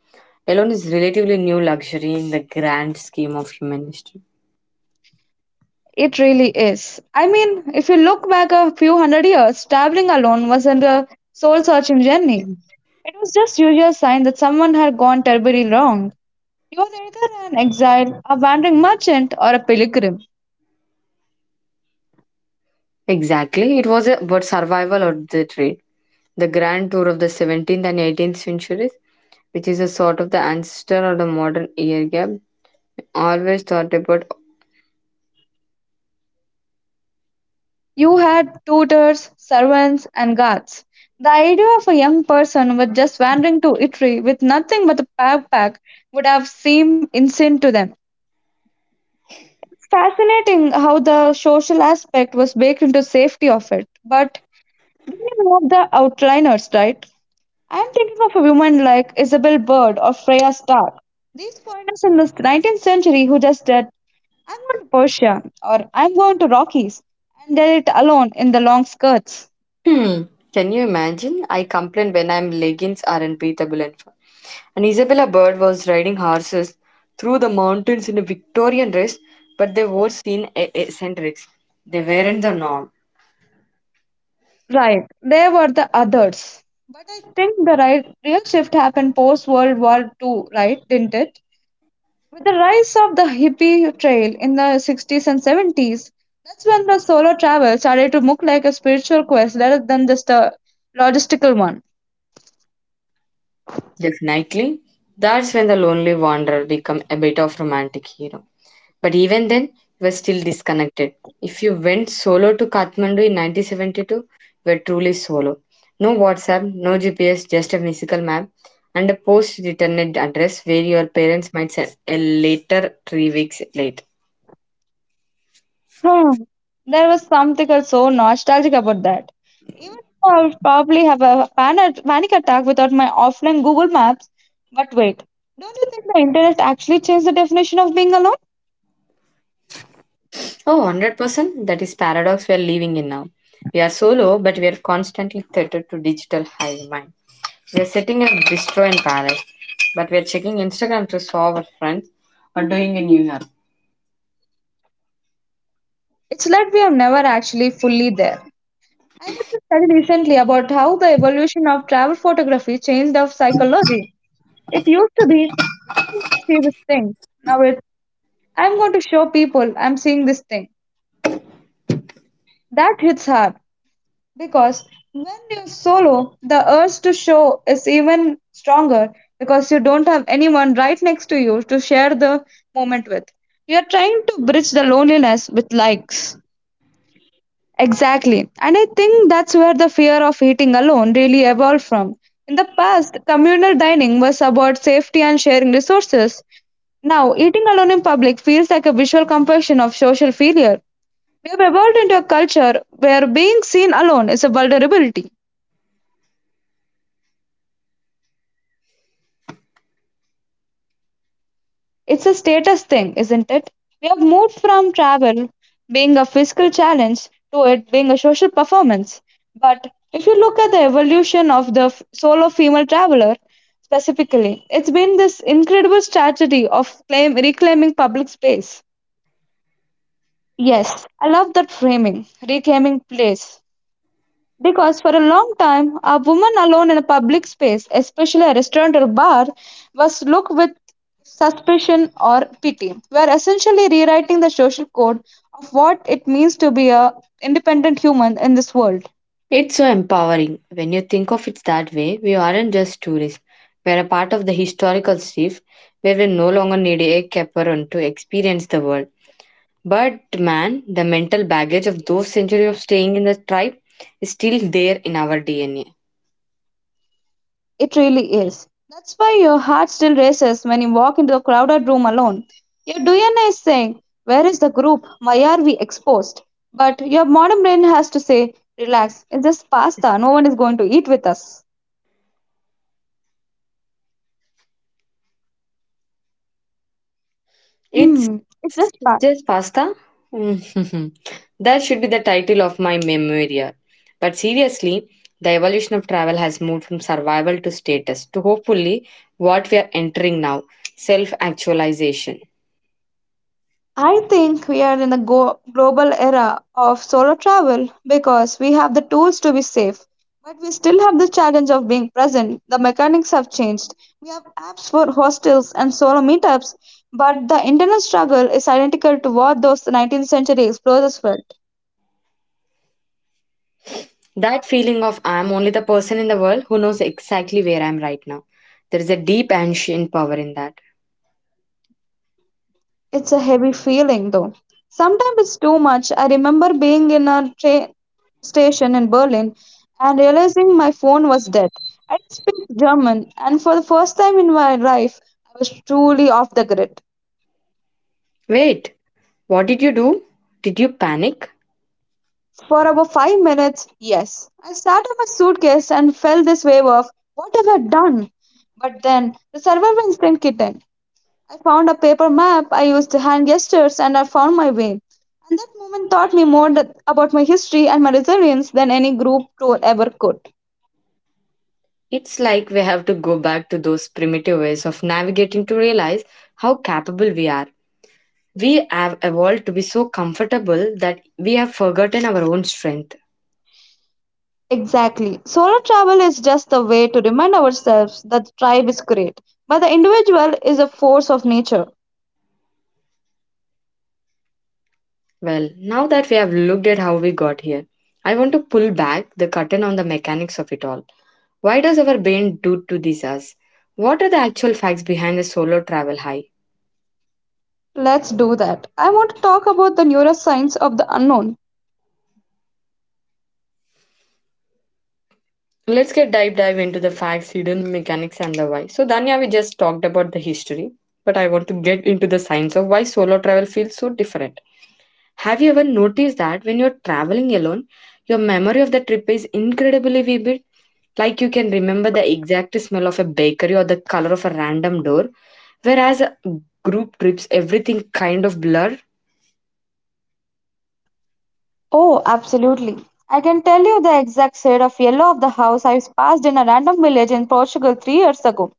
[SPEAKER 1] alone is relatively new luxury in the grand scheme of human history.
[SPEAKER 2] It really is. I mean, if you look back a few hundred years, traveling alone wasn't a soul searching journey. It was just usual sign that someone had gone terribly wrong. You were either an exile, a wandering merchant, or a pilgrim.
[SPEAKER 1] Exactly, it was about survival or the trade. The grand tour of the 17th and 18th centuries, which is a sort of the ancestor of the modern air gap, always thought about.
[SPEAKER 2] You had tutors, servants, and guards. The idea of a young person was just wandering to Italy with nothing but a backpack would have seemed insane to them. Fascinating how the social aspect was baked into safety of it. But didn't have the outliners, right? I am thinking of a woman like Isabel Bird or Freya Stark. These foreigners in the 19th century who just said, I'm going to Persia or I'm going to Rockies and did it alone in the long skirts.
[SPEAKER 1] Hmm, can you imagine? I complain when I'm leggings aren't breathable enough. And Isabella Bird was riding horses through the mountains in a Victorian dress, but they were seen eccentrics. They weren't the norm.
[SPEAKER 2] Right, they were the others. But I think the right, real shift happened post World War II, right? Didn't it? With the rise of the hippie trail in the 60s and 70s, that's when the solo travel started to look like a spiritual quest rather than just a logistical one.
[SPEAKER 1] Definitely. That's when the lonely wanderer become a bit of romantic hero. But even then, you were still disconnected. If you went solo to Kathmandu in 1972, you were truly solo. No WhatsApp, no GPS, just a physical map and a post-returned address where your parents might send a letter 3 weeks later.
[SPEAKER 2] Hmm. There was something so nostalgic about that. Even though I would probably have a panic attack without my offline Google Maps. But wait, don't you think the internet actually changed the definition of being alone?
[SPEAKER 1] Oh, 100%. That is paradox we are living in now. We are solo, but we are constantly tethered to digital hive mind. We are sitting in a bistro in Paris, but we are checking Instagram to solve our friends are doing in New York.
[SPEAKER 2] It's like we are never actually fully there. I read a study recently about how the evolution of travel photography changed our psychology. It used to be, see this thing. Now it's, I'm going to show people I'm seeing this thing. That hits hard. Because when you're solo, the urge to show is even stronger because you don't have anyone right next to you to share the moment with. You're trying to bridge the loneliness with likes. Exactly. And I think that's where the fear of eating alone really evolved from. In the past, communal dining was about safety and sharing resources. Now, eating alone in public feels like a visual compassion of social failure. We have evolved into a culture where being seen alone is a vulnerability. It's a status thing, isn't it? We have moved from travel being a fiscal challenge to it being a social performance. But if you look at the evolution of the solo female traveler specifically, it's been this incredible strategy of reclaiming public space. Yes, I love that framing, reclaiming place. Because for a long time, a woman alone in a public space, especially a restaurant or a bar, was looked with suspicion or pity. We are essentially rewriting the social code of what it means to be a independent human in this world.
[SPEAKER 1] It's so empowering. When you think of it that way, we aren't just tourists. We are a part of the historical shift where we no longer need a chaperone to experience the world. But man, the mental baggage of those centuries of staying in the tribe is still there in our DNA.
[SPEAKER 2] It really is. That's why your heart still races when you walk into a crowded room alone. Your DNA is saying, where is the group? Why are we exposed? But your modern brain has to say, relax, it's just pasta, no one is going to eat with us.
[SPEAKER 1] It's
[SPEAKER 2] Hmm, it's just part.
[SPEAKER 1] just pasta? Mhm. That should be the title of my memoria. But seriously, the evolution of travel has moved from survival to status to hopefully what we are entering now, self actualization.
[SPEAKER 2] I think we are in a global era of solo travel because we have the tools to be safe, but we still have the challenge of being present. The mechanics have changed. We have apps for hostels and solo meetups, but the internal struggle is identical to what those 19th century explorers felt.
[SPEAKER 1] That feeling of I am only the person in the world who knows exactly where I am right now. There is a deep ancient power in that.
[SPEAKER 2] It's a heavy feeling though. Sometimes it's too much. I remember being in a train station in Berlin and realizing my phone was dead. I didn't speak German, and for the first time in my life, I was truly off the grid.
[SPEAKER 1] Wait, what did you do? Did you panic?
[SPEAKER 2] For about 5 minutes, yes. I started my suitcase and felt this wave of what have I done? But then the survival instinct kicked in. I found a paper map, I used hand gestures, and I found my way. And that moment taught me more about my history and my resilience than any group tour ever could.
[SPEAKER 1] It's like we have to go back to those primitive ways of navigating to realize how capable we are. We have evolved to be so comfortable that we have forgotten our own strength.
[SPEAKER 2] Exactly. Solo travel is just the way to remind ourselves that the tribe is great, but the individual is a force of nature.
[SPEAKER 1] Well, now that we have looked at how we got here, I want to pull back the curtain on the mechanics of it all. Why does our brain do to this us? What are the actual facts behind the solo travel high?
[SPEAKER 2] Let's do that. I want to talk about the neuroscience of the unknown.
[SPEAKER 1] Let's get dive into the facts, hidden mechanics, and the why. So, Danya, we just talked about the history, but I want to get into the science of why solo travel feels so different. Have you ever noticed that when you're traveling alone, your memory of the trip is incredibly vivid? Like you can remember the exact smell of a bakery or the color of a random door, whereas a group trips everything kind of blur.
[SPEAKER 2] Oh, absolutely. I can tell you the exact shade of yellow of the house I passed in a random village in Portugal 3 years ago.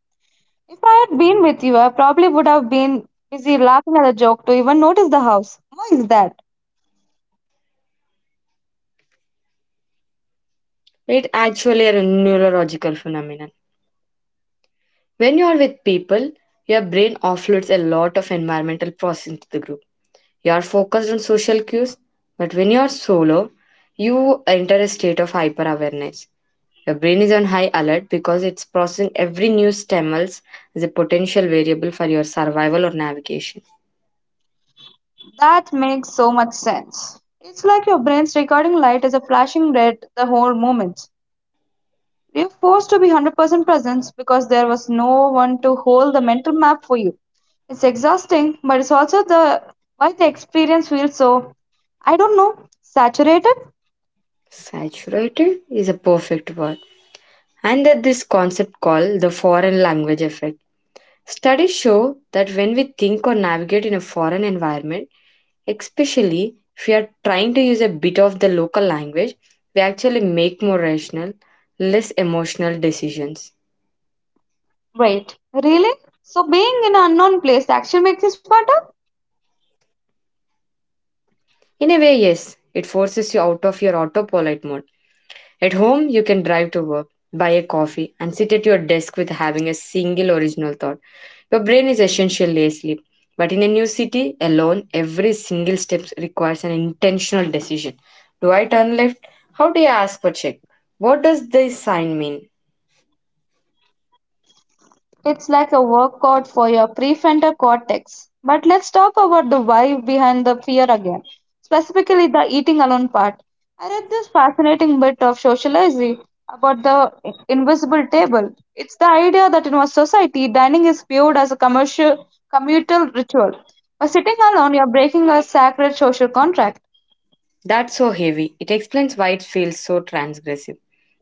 [SPEAKER 2] If I had been with you, I probably would have been busy laughing at the joke to even notice the house. Why is that?
[SPEAKER 1] It actually a neurological phenomenon. When you are with people, your brain offloads a lot of environmental processing to the group. You are focused on social cues, but when you are solo, you enter a state of hyper awareness. Your brain is on high alert because it's processing every new stimulus as a potential variable for your survival or navigation.
[SPEAKER 2] That makes so much sense. It's like your brain's recording light is a flashing red the whole moment. You're forced to be 100% present because there was no one to hold the mental map for you. It's exhausting, but it's also the why the experience feels so I don't know, saturated?
[SPEAKER 1] Saturated is a perfect word. And that this concept called the foreign language effect. Studies show that when we think or navigate in a foreign environment, especially if we are trying to use a bit of the local language, we actually make more rational, less emotional decisions.
[SPEAKER 2] Wait, really? So being in an unknown place actually makes you smarter?
[SPEAKER 1] In a way, yes, it forces you out of your autopilot mode. At home, you can drive to work, buy a coffee, and sit at your desk with having a single original thought. Your brain is essentially asleep. But in a new city, alone, every single step requires an intentional decision. Do I turn left? How do I ask for check? What does this sign mean?
[SPEAKER 2] It's like a workout for your prefrontal cortex. But let's talk about the why behind the fear again, specifically the eating alone part. I read this fascinating bit of sociology about the invisible table. It's the idea that in our society, dining is viewed as a commercial communal ritual. By sitting alone, you're breaking a sacred social contract.
[SPEAKER 1] That's so heavy. It explains why it feels so transgressive.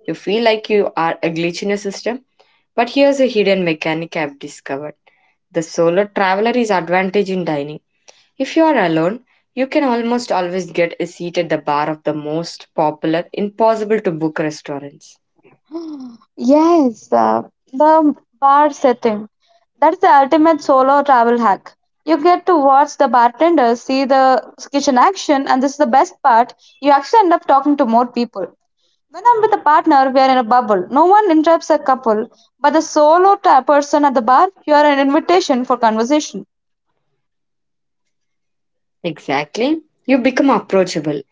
[SPEAKER 1] You feel like you are a glitch in a system, but here's a hidden mechanic I've discovered. The solo traveler is advantage in dining. If you are alone, you can almost always get a seat at the bar of the most popular, impossible to book restaurants.
[SPEAKER 2] Yes, the bar setting. That's the ultimate solo travel hack. You get to watch the bartenders see the kitchen action, and this is the best part. You actually end up talking to more people. When I'm with a partner, we are in a bubble. No one interrupts a couple, but the solo person at the bar, you are an invitation for conversation.
[SPEAKER 1] Exactly. You become approachable.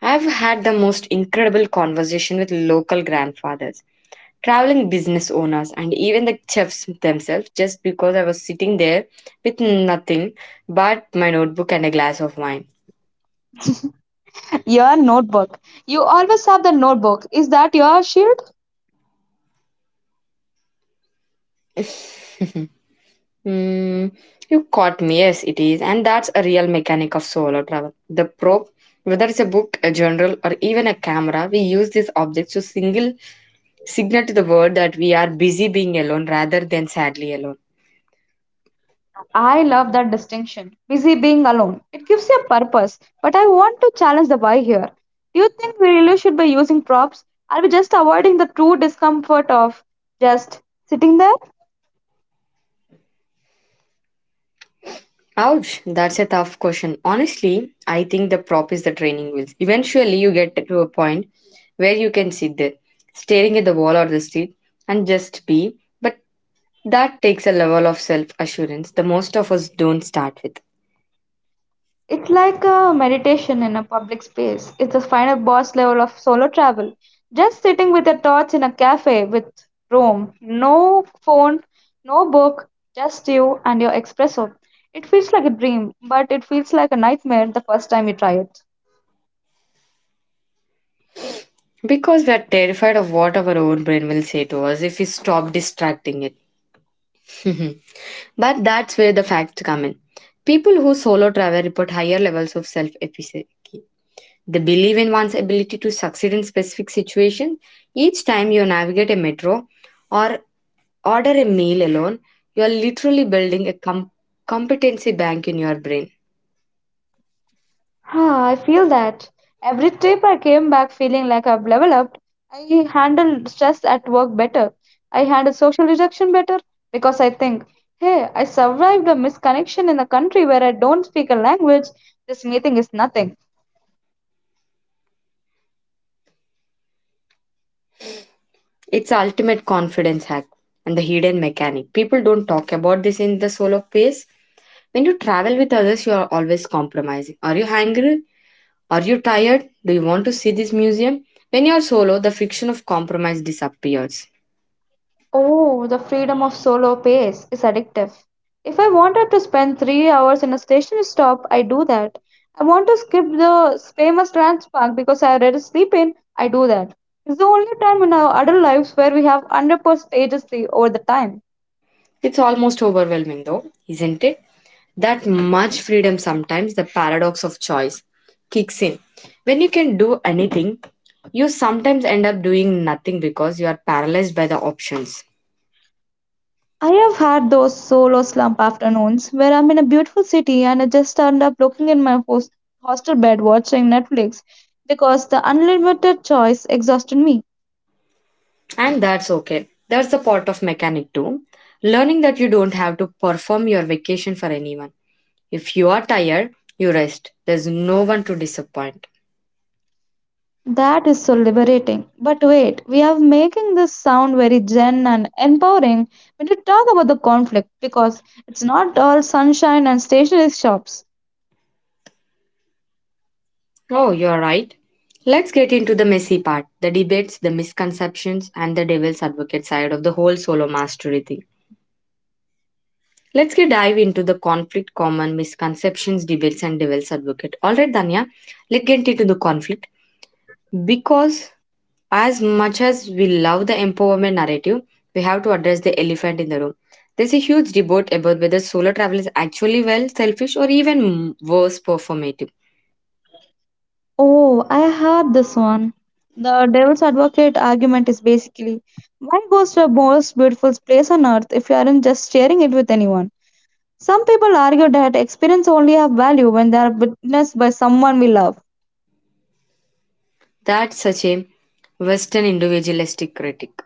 [SPEAKER 1] I've had the most incredible conversation with local grandfathers traveling business owners and even the chefs themselves just because I was sitting there with nothing but my notebook and a glass of wine.
[SPEAKER 2] Your notebook. You always have the notebook. Is that your shield?
[SPEAKER 1] Hmm, you caught me, yes, it is. And that's a real mechanic of solo travel. The probe, whether it's a book, a journal, or even a camera, we use these objects to single signal to the world that we are busy being alone rather than sadly alone.
[SPEAKER 2] I love that distinction. Busy being alone. It gives you a purpose. But I want to challenge the why here. Do you think we really should be using props? Are we just avoiding the true discomfort of just sitting there?
[SPEAKER 1] Ouch, that's a tough question. Honestly, I think the prop is the training wheels. Eventually, you get to a point where you can sit there, staring at the wall or the street, and just be. But that takes a level of self assurance the most of us don't start with.
[SPEAKER 2] It's like a meditation in a public space. It's the final boss level of solo travel. Just sitting with your thoughts in a cafe with room, no phone, no book, just you and your espresso. It feels like a dream, but it feels like a nightmare the first time you try it.
[SPEAKER 1] Because we're terrified of what our own brain will say to us if we stop distracting it. But that's where the facts come in. People who solo travel report higher levels of self efficacy. They believe in one's ability to succeed in specific situations. Each time you navigate a metro or order a meal alone, you are literally building a competency bank in your brain.
[SPEAKER 2] Ah, I feel that. Every trip I came back feeling like I've leveled up. I handled stress at work better. I handled social rejection better because I think, hey, I survived a misconnection in a country where I don't speak a language. This meeting is nothing.
[SPEAKER 1] It's ultimate confidence hack and the hidden mechanic. People don't talk about this in the solo pace. When you travel with others, you are always compromising. Are you hungry? Are you tired? Do you want to see this museum? When you're solo, the friction of compromise disappears.
[SPEAKER 2] Oh, the freedom of solo pace is addictive. If I wanted to spend 3 hours in a stationary stop, I do that. I want to skip the famous park because I already sleep in, I do that. It's the only time in our adult lives where we have 100% agency over the time.
[SPEAKER 1] It's almost overwhelming, though, isn't it? That much freedom sometimes the paradox of choice kicks in. When you can do anything, you sometimes end up doing nothing because you are paralyzed by the options.
[SPEAKER 2] I have had those solo slump afternoons where I'm in a beautiful city and I just end up looking in my hostel bed watching Netflix because the unlimited choice exhausted me.
[SPEAKER 1] And that's okay. That's the part of mechanic too. Learning that you don't have to perform your vacation for anyone. If you are tired, you rest. There's no one to disappoint.
[SPEAKER 2] That is so liberating. But wait, we are making this sound very zen and empowering when you talk about the conflict because it's not all sunshine and stationery shops.
[SPEAKER 1] Oh, you're right. Let's get into the messy part the debates, the misconceptions, and the devil's advocate side of the whole solo mastery thing. Let's get dive into the conflict, common misconceptions, debates, and devil's advocate. All right, Danya, let's get into the conflict because as much as we love the empowerment narrative, we have to address the elephant in the room. There's a huge debate about whether solo travel is actually well selfish or even worse performative.
[SPEAKER 2] Oh, I heard this one. The devil's advocate argument is basically, why go to the most beautiful place on earth if you aren't just sharing it with anyone? Some people argue that experience only have value when they are witnessed by someone we love.
[SPEAKER 1] That's such a Western individualistic critic,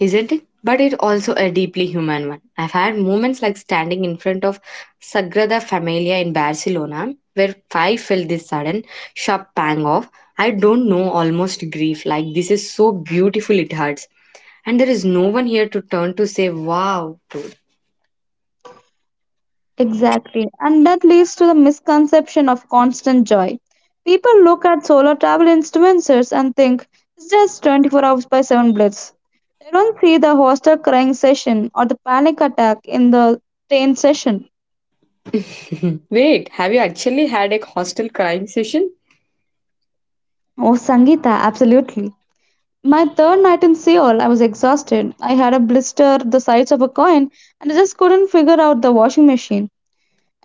[SPEAKER 1] isn't it? But it's also a deeply human one. I've had moments like standing in front of Sagrada Familia in Barcelona, where I felt this sudden, sharp pang of, I don't know, almost grief. Like, this is so beautiful, it hurts. And there is no one here to turn to say, wow, dude.
[SPEAKER 2] Exactly. And that leads to the misconception of constant joy. People look at solo travel influencers and think it's just 24 hours by 7 blitz. They don't see the hostel crying session or the panic attack in the train session.
[SPEAKER 1] Wait, have you actually had a hostel crying session?
[SPEAKER 2] Oh, Sangeeta, absolutely. My third night in Seoul, I was exhausted. I had a blister the size of a coin and I just couldn't figure out the washing machine.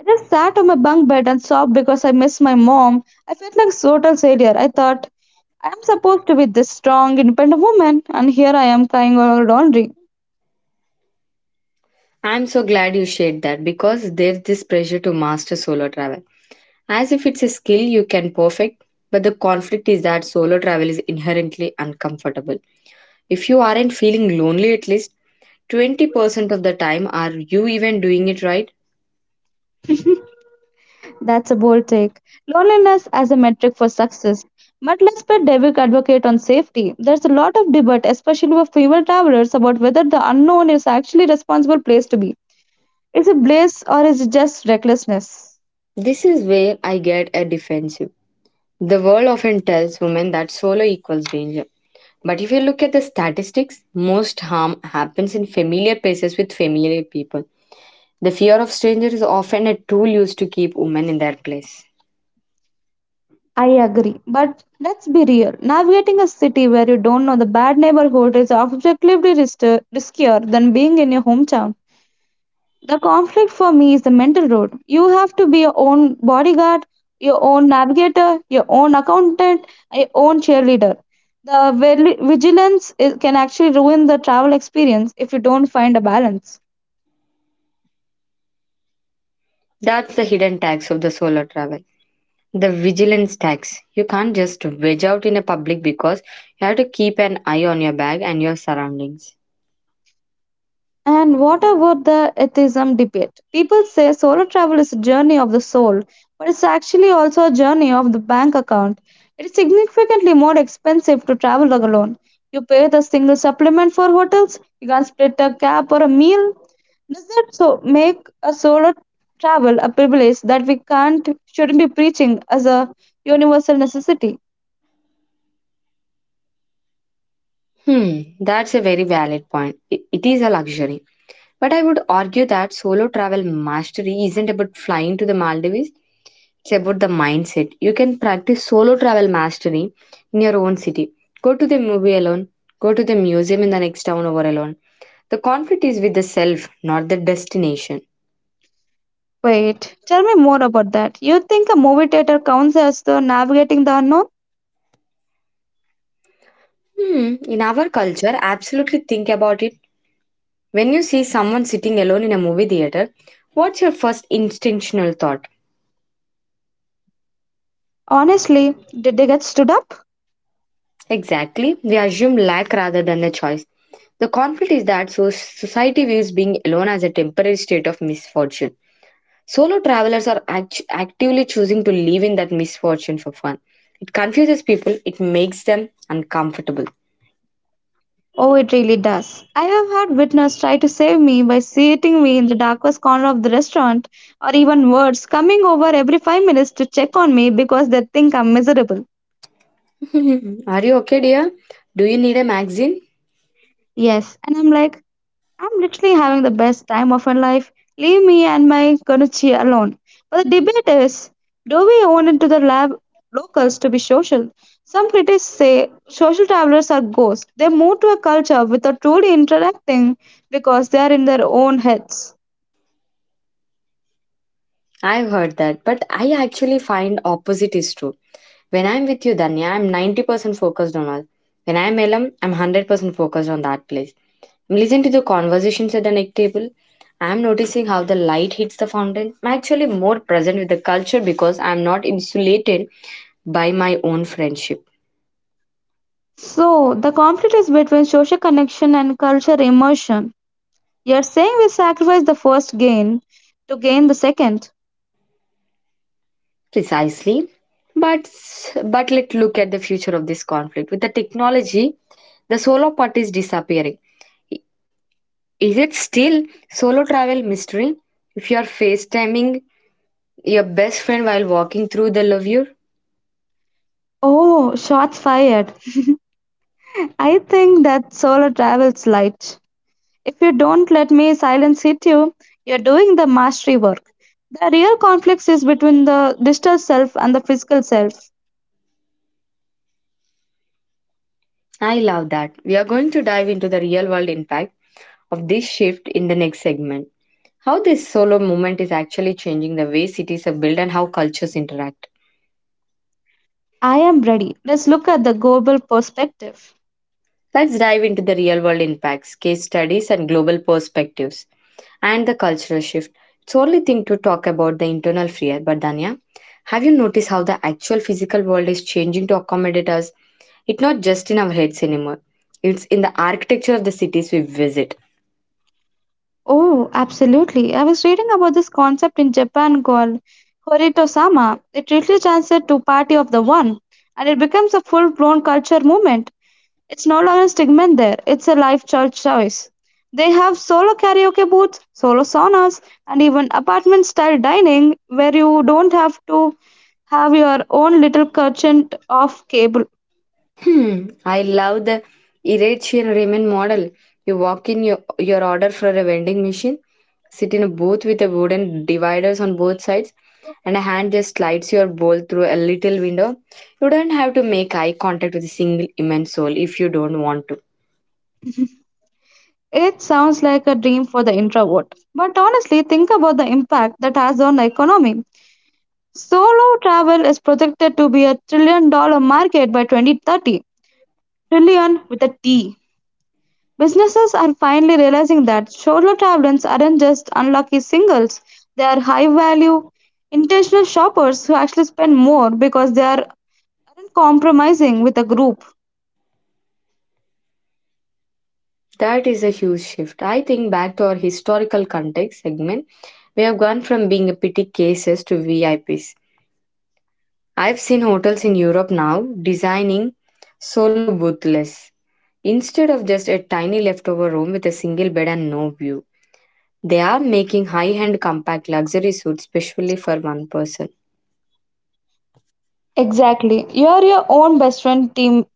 [SPEAKER 2] I just sat on my bunk bed and sobbed because I missed my mom. I felt like a total failure. I thought, I am supposed to be this strong, independent woman, and here I am crying over laundry.
[SPEAKER 1] I'm so glad you shared that because there's this pressure to master solo travel, as if it's a skill you can perfect, but the conflict is that solo travel is inherently uncomfortable. If you aren't feeling lonely at least 20% of the time, are you even doing it right?
[SPEAKER 2] That's a bold take. Loneliness as a metric for success. But let's put Devic advocate on safety. There's a lot of debate, especially with female travelers, about whether the unknown is actually a responsible place to be. Is it bliss or is it just recklessness?
[SPEAKER 1] This is where I get a defensive. The world often tells women that solo equals danger. But if you look at the statistics, most harm happens in familiar places with familiar people. The fear of stranger is often a tool used to keep women in their place.
[SPEAKER 2] I agree. But let's be real. Navigating a city where you don't know the bad neighborhood is objectively riskier than being in your hometown. The conflict for me is the mental road. You have to be your own bodyguard, your own navigator, your own accountant, and your own cheerleader. The vigilance is, can actually ruin the travel experience if you don't find a balance.
[SPEAKER 1] That's the hidden tax of the solo travel. The vigilance tax. You can't just veg out in a public because you have to keep an eye on your bag and your surroundings.
[SPEAKER 2] And what about the atheism debate? People say solo travel is a journey of the soul, but it's actually also a journey of the bank account. It is significantly more expensive to travel alone. You pay the single supplement for hotels, you can split a cab or a meal. Does that so make a solo travel a privilege that we can't shouldn't be preaching as a universal necessity?
[SPEAKER 1] That's a very valid point. It is a luxury. But I would argue that solo travel mastery isn't about flying to the Maldives, it's about the mindset. You can practice solo travel mastery in your own city. Go to the movie alone, go to the museum in the next town over alone. The conflict is with the self, not the destination.
[SPEAKER 2] Wait, tell me more about that. You think a movie theater counts as the navigating the unknown?
[SPEAKER 1] Hmm. In our culture, absolutely think about it. When you see someone sitting alone in a movie theater, what's your first instinctual thought?
[SPEAKER 2] Honestly, did they get stood up?
[SPEAKER 1] Exactly, we assume lack rather than a choice. The conflict is that so society views being alone as a temporary state of misfortune. Solo travelers are actively choosing to live in that misfortune for fun. It confuses people, it makes them uncomfortable.
[SPEAKER 2] Oh, it really does. I have had witness try to save me by seating me in the darkest corner of the restaurant, or even worse, coming over every 5 minutes to check on me because they think I'm miserable.
[SPEAKER 1] Are you okay, dear? Do you need a magazine?
[SPEAKER 2] Yes, and I'm like, I'm literally having the best time of my life. Leave me and my Konochi alone. But the debate is, do we own into the lab locals to be social? Some critics say social travelers are ghosts. They move to a culture without truly interacting because they are in their own heads.
[SPEAKER 1] I've heard that, but I actually find opposite is true. When I'm with you, Danya, I'm 90% focused on us. When I'm alone, I'm 100% focused on that place. I'm listening to the conversations at the next table. I'm noticing how the light hits the fountain. I'm actually more present with the culture because I'm not insulated by my own friendship.
[SPEAKER 2] So the conflict is between social connection and culture immersion. You're saying we sacrifice the first gain to gain the second.
[SPEAKER 1] Precisely. But let's look at the future of this conflict. With the technology, the solo part is disappearing. Is it still solo travel mystery? If you are FaceTiming your best friend while walking through the levure?
[SPEAKER 2] Oh, shots fired. I think that solo travels light. If you don't let me silence hit you, you're doing the mastery work. The real conflict is between the digital self and the physical self.
[SPEAKER 1] I love that. We are going to dive into the real world impact of this shift in the next segment. How this solo movement is actually changing the way cities are built and how cultures interact.
[SPEAKER 2] I am ready. Let's look at the global perspective.
[SPEAKER 1] Let's dive into the real world impacts, case studies, and global perspectives and the cultural shift. It's only thing to talk about the internal fear, but Danya, have you noticed how the actual physical world is changing to accommodate us? It's not just in our heads anymore. It's in the architecture of the cities we visit.
[SPEAKER 2] Oh, absolutely. I was reading about this concept in Japan called Horito-sama. It really translates to party of the one, and it becomes a full-blown culture movement. It's no longer a segment there, it's a lifestyle choice. They have solo karaoke booths, solo saunas, and even apartment style dining where you don't have to have your own little curtain of cable.
[SPEAKER 1] Hmm, I love the Eritrean ramen model. You walk in your order for a vending machine, sit in a booth with a wooden dividers on both sides, and a hand just slides your bowl through a little window. You don't have to make eye contact with a single human soul if you don't want to.
[SPEAKER 2] It sounds like a dream for the introvert. But honestly, think about the impact that has on the economy. Solo travel is projected to be a trillion dollar market by 2030. Trillion with a T. Businesses are finally realizing that solo travelers aren't just unlucky singles, they are high value, intentional shoppers who actually spend more because they aren't compromising with a group.
[SPEAKER 1] That is a huge shift. I think back to our historical context segment, we have gone from being a pity cases to VIPs. I've seen hotels in Europe now designing solo boothless instead of just a tiny leftover room with a single bed and no view, they are making high end compact luxury suites specially for one person.
[SPEAKER 2] Exactly. You are your own best friend team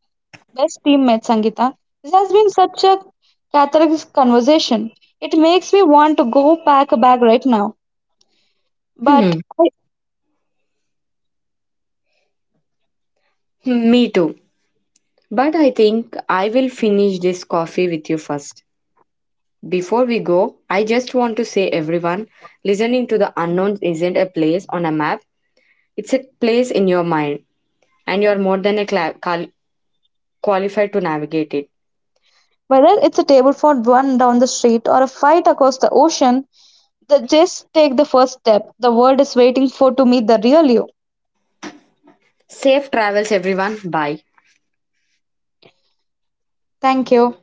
[SPEAKER 2] best teammate, Sangeeta. This has been such a cathartic conversation. It makes me want to go pack a bag right now. But
[SPEAKER 1] Hmm, me too. But I think I will finish this coffee with you first. Before we go, I just want to say everyone, listening to the unknown isn't a place on a map, it's a place in your mind, and you're more than a qualified to navigate it.
[SPEAKER 2] whether it's a table for one down the street or a fight across the ocean, just take the first step. The world is waiting for to meet the real you.
[SPEAKER 1] Safe travels, everyone. Bye.
[SPEAKER 2] Thank you.